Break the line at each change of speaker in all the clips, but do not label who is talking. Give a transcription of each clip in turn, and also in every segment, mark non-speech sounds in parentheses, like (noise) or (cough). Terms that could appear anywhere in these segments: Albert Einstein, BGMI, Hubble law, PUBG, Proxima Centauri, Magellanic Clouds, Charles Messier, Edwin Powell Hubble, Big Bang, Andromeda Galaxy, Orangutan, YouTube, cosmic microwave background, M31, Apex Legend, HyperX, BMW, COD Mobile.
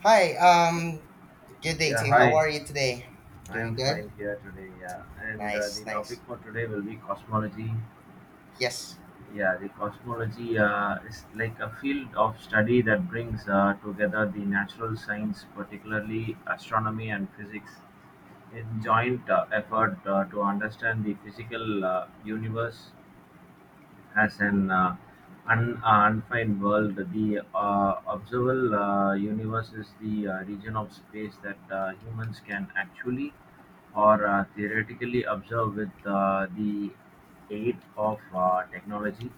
Hi, good day
Yeah,
team. How
hi.
are you today?
I am
Doing good?
fine here today. Yeah, and the
Nice,
topic
nice.
for today will be cosmology.
Yes.
Yeah, the cosmology is like a field of study that brings together the natural science, particularly astronomy and physics, in joint effort to understand the physical universe as an unfined world. The observable universe is the region of space that humans can actually or theoretically observe with the aid of technology.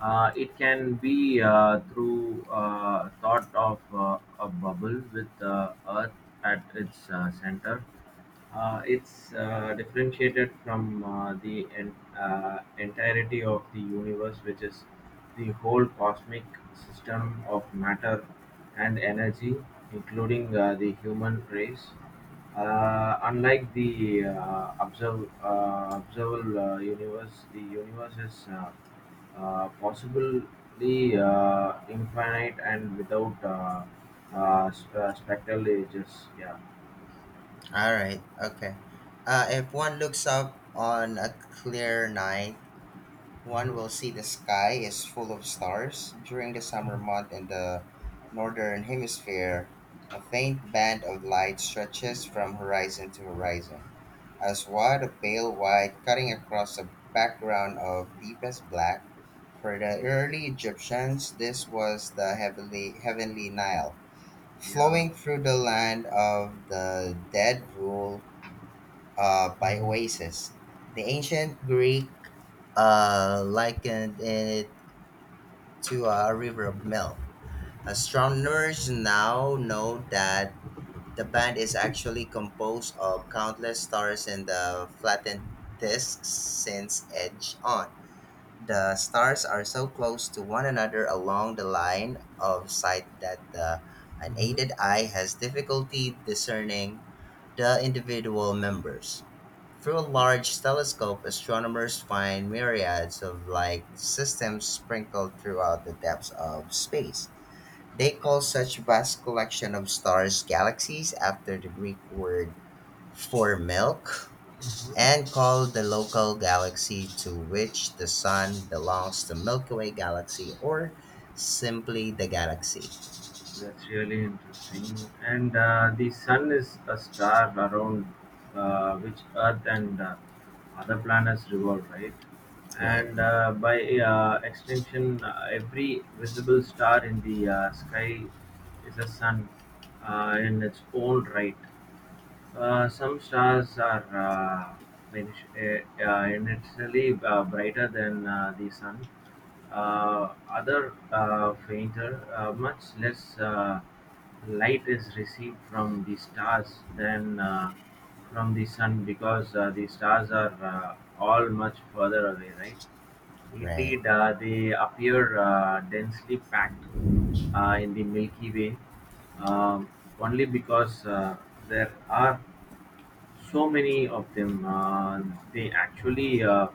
It can be through thought of a bubble with Earth at its center, it's differentiated from the entirety of the universe, which is the whole cosmic system of matter and energy, including the human race. Unlike the observable universe, the universe is possibly infinite and without spectral ages. Yeah.
All right, okay. If one looks up on a clear night, one will
Mhm.
see the sky is full of stars. During the summer month in the northern hemisphere, a faint band of light stretches from horizon to horizon, as wide of pale white cutting across a background of deepest black. For the early Egyptians, this was the heavenly Nile,
Yeah.
flowing through the land of the dead ruled by
Hmm.
oasis. The ancient Greek likened it to a river of milk. Astronomers now know that the band is actually composed of countless stars in the flattened discs since Edge on. The stars are so close to one another along the line of sight that the unaided eye has difficulty discerning the individual members. Through a
Yeah,
large telescope, astronomers find myriads of light systems sprinkled throughout the depths of space. They call such vast collection of stars galaxies after the Greek word for milk
hmm
and call the local galaxy to which the sun belongs the Milky Way galaxy or simply the galaxy.
that's really interesting. And the sun is a star around which Earth and other planets revolve, right?
Right.
And by extension, every visible star in the sky is a sun in its own right. Some stars are inherently brighter than the sun. Other fainter, much less light is received from the stars than from the sun because the stars are all much further away, right?
Right,
Indeed, they appear densely packed in the Milky Way um, only because there are so many of them, they actually uh,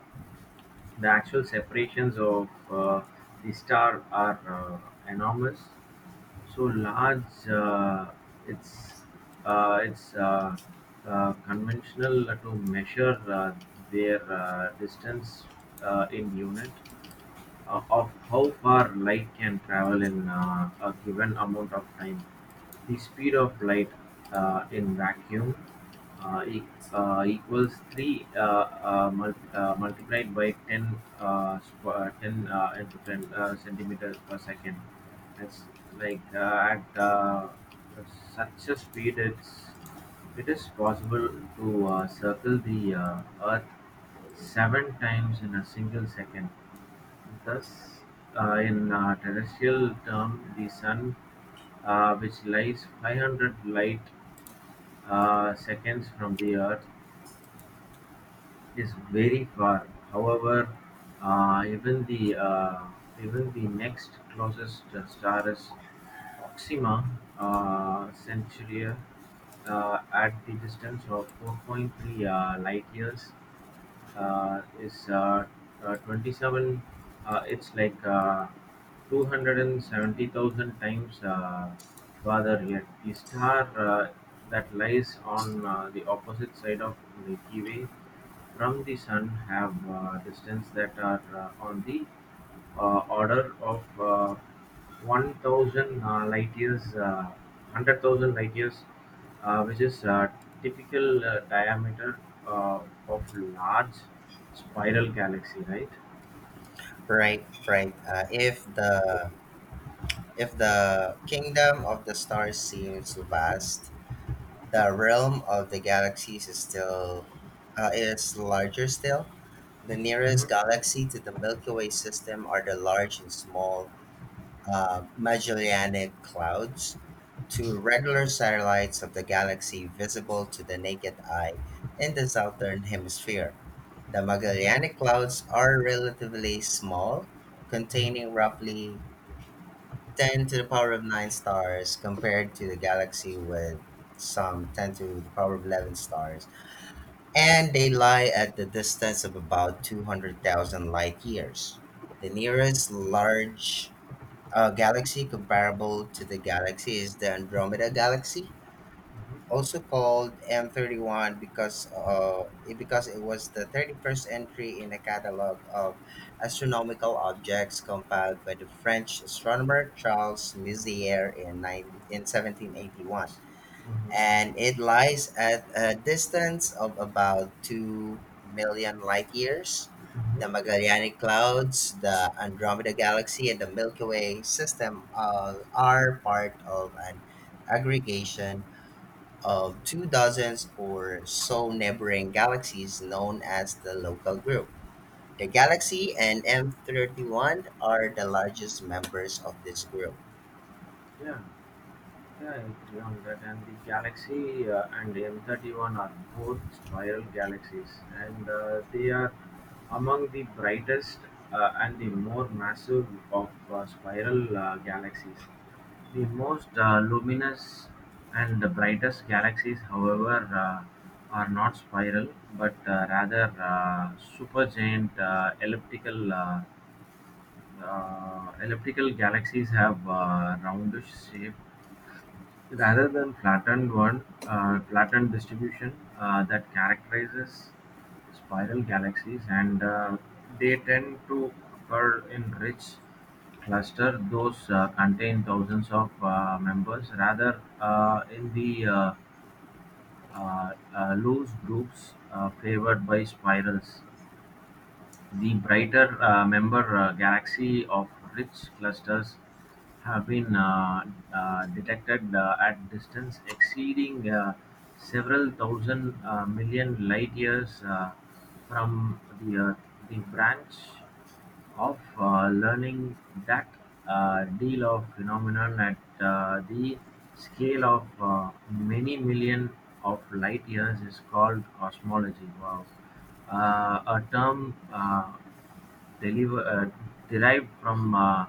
the actual separations of the star are enormous, so large, it's it's conventional to measure their distance in unit of how far light can travel in a given amount of time. The speed of light in vacuum uh, e- equals 3 multiplied by 10, 10 into 10 centimeters per second. It's like at such a speed, it is possible to circle the Earth seven times in a single second. Thus, in terrestrial terms, the Sun, which lies 500 light-seconds from the Earth, is very far. However, uh, even the uh, even the next closest star is Proxima Centauri, at the distance of 4.3 light years, is 27, it's like 270,000 times farther. Yet the star uh, that lies on the opposite side of Milky Way from the sun have distance that are on the order of 1000 light years, 100,000 light years, which is a typical diameter uh, of large spiral galaxy, right?
right, right. If the kingdom of the stars seems vast, the realm of the galaxies is larger still. The nearest
Mm-hmm.
galaxy to the Milky Way system are the large and small Magellanic Clouds, two
Mm-hmm.
regular satellites of the galaxy visible to the naked eye in the southern hemisphere. The Magellanic Clouds are relatively small,
Mm-hmm.
containing roughly 10 to the power of 9 stars compared to the galaxy with some 10 to the power of 11 stars, and they lie at the distance of about 200,000 light years. The nearest large galaxy comparable to the galaxy is the Andromeda Galaxy, also called M31 because it was the 31st entry in a catalog of astronomical objects compiled by the French astronomer Charles Messier in 1781,
Mm-hmm.
and it lies at a distance of about 2 million light years. The
Hmm.
Magellanic Clouds, the Andromeda Galaxy, and the Milky Way system all are part of an aggregation of two dozens or so neighboring galaxies known as the local group. The galaxy and M31 are the largest members of this group.
Yeah. Yeah, I agree on that. And the Galaxy and M31 are both spiral galaxies, and they are among the brightest and the more massive of spiral galaxies. The most luminous and the brightest galaxies, however, uh, are not spiral but rather supergiant elliptical. Elliptical galaxies have roundish shape rather than flattened one, flattened distribution that characterizes spiral galaxies, and they tend to occur in rich cluster. Those contain thousands of members, rather, in the loose groups favored by spirals. The brighter member galaxies of rich clusters have been detected at distances exceeding several thousand million light years from the Earth. The branch of learning that deal of phenomenon at the scale of many million of light years is called cosmology. Wow, a term derived from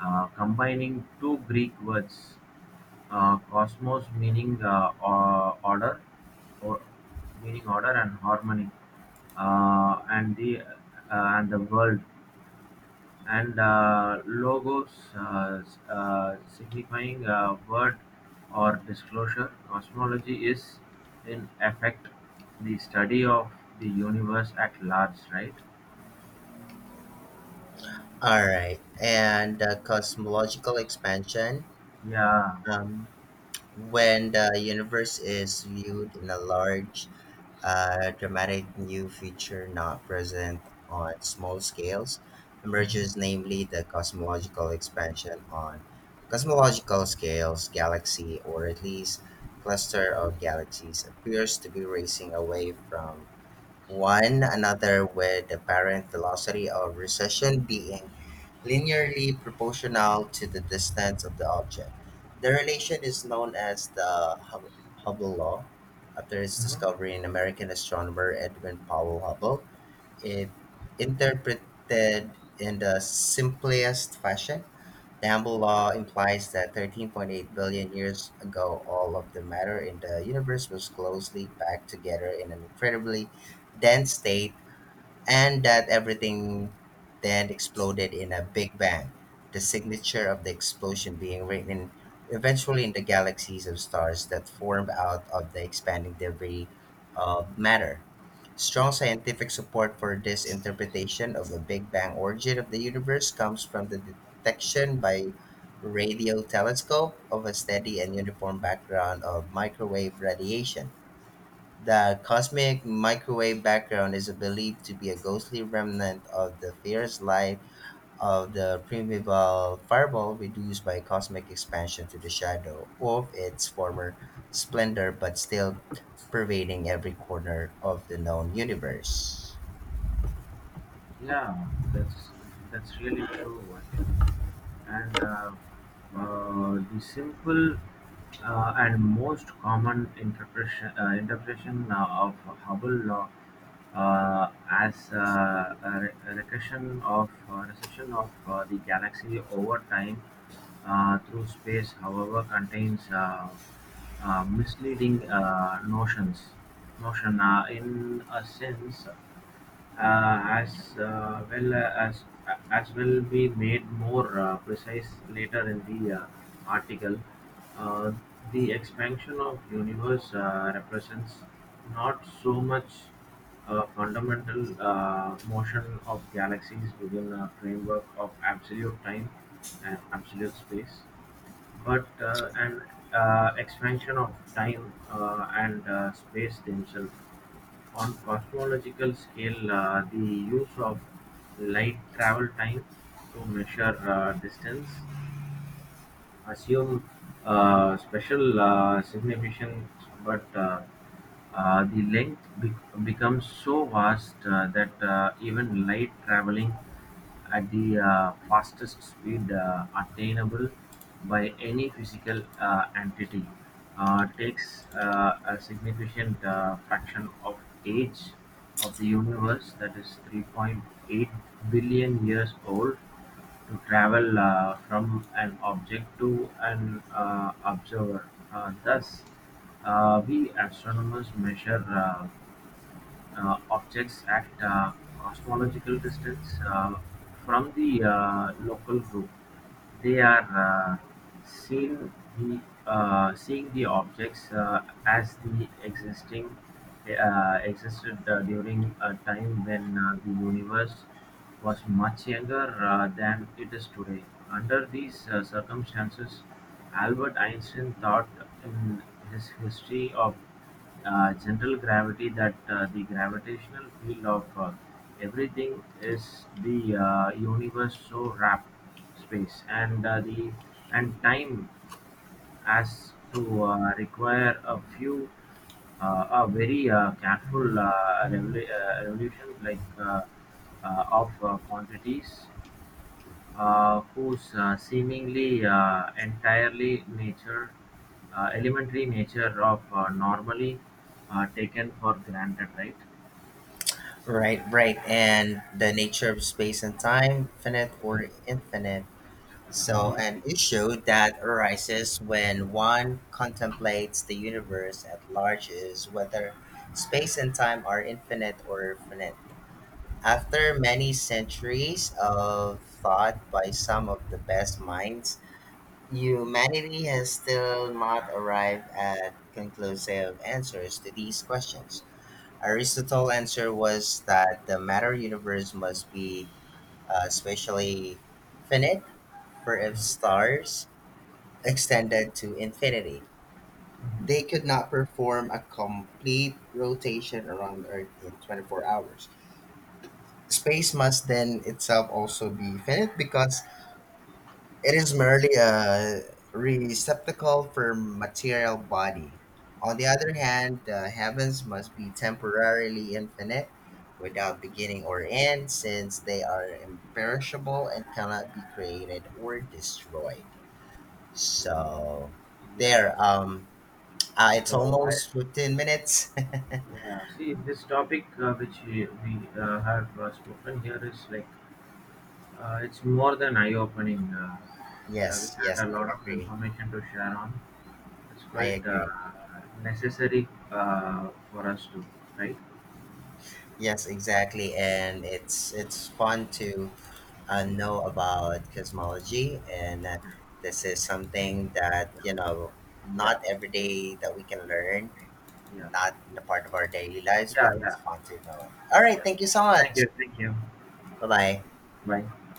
combining two Greek words, cosmos meaning order, or meaning order and harmony, uh, and the and the world and logos signifying a word or disclosure. Cosmology is, in effect, the study of the universe at large, right?
All right, and the cosmological expansion.
Yeah.
Um, when the universe is viewed in a large, dramatic new feature not present on small scales emerges,
Mhm.
namely the cosmological expansion. On cosmological scales, galaxy, or at least cluster of galaxies, appears to be racing away from one another, with the apparent velocity of recession being linearly proportional to the distance of the object. The relation is known as the Hubble law. After its
Mhm.
discovery in American astronomer Edwin Powell Hubble, it interpreted in the simplest fashion. The Hubble law implies that 13.8 billion years ago, all of the matter in the universe was closely packed together in an incredibly dense state, and that everything then exploded in a big bang, the signature of the explosion being written eventually in the galaxies of stars that formed out of the expanding debris of matter. Strong scientific support for this interpretation of the Big Bang origin of the universe comes from the detection by radio telescope of a steady and uniform background of microwave radiation. The cosmic microwave background is believed to be a ghostly remnant of the fierce light of the primeval fireball, reduced by cosmic expansion to the shadow of its former splendor, but still pervading every corner of the known universe.
yeah, that's really true, actually. And the simple and most common interpretation of Hubble law as a recession of the galaxy over time through space, however, contains misleading notions. Notion in a sense as well as will be made more precise later in the article. Uh, the expansion of universe represents not so much a fundamental motion of galaxies within a framework of absolute time and absolute space, but an expansion of time and space themselves on cosmological scale. The use of light travel time to measure distance assume special significance, but the length becomes so vast that even light traveling at the fastest speed attainable by any physical entity takes a significant fraction of age of the universe, that is 3.8 billion years old, to travel from an object to an observer. Thus, we astronomers measure objects at cosmological distance from the local group. They are seeing the objects as the existing existed during a time when the universe was much younger than it is today. Under these circumstances, Albert Einstein thought in his history of general gravity that the gravitational field of everything is the universe so wrapped space and the and time as to require a very careful revolution like of quantities whose seemingly entirely nature, elementary nature of normally taken for granted, right?
Right, right. And the nature of space and time, finite or infinite. So, an issue that arises when one contemplates the universe at large is whether space and time are infinite or finite. After many centuries of thought by some of the best minds, humanity has still not arrived at conclusive answers to these questions. Aristotle's answer was that the matter universe must be spatially finite, for if stars extended to infinity, they could not perform a complete rotation around the Earth in 24 hours. Space must then itself also be finite because it is merely a receptacle for material body. On the other hand, the heavens must be temporarily infinite, without beginning or end, since they are imperishable and cannot be created or destroyed. So
Yeah.
there. It's
So I
almost 15 minutes.
yeah, see this topic which we have spoken here is like it's more than eye-opening.
(laughs)
We
Yes, yes,
had a
I
lot of
agree.
information to share on. It's
I
quite
agree.
necessary for us to, right?
Yes, exactly. And it's fun to know about cosmology, and this is something that
Yeah, yeah.
not every day that we can learn,
Yeah.
not in a part of our daily lives,
Yeah,
but
yeah,
it's fun to know it. All right,
yeah.
thank you so much.
Thank you, thank you.
Bye bye.
Bye.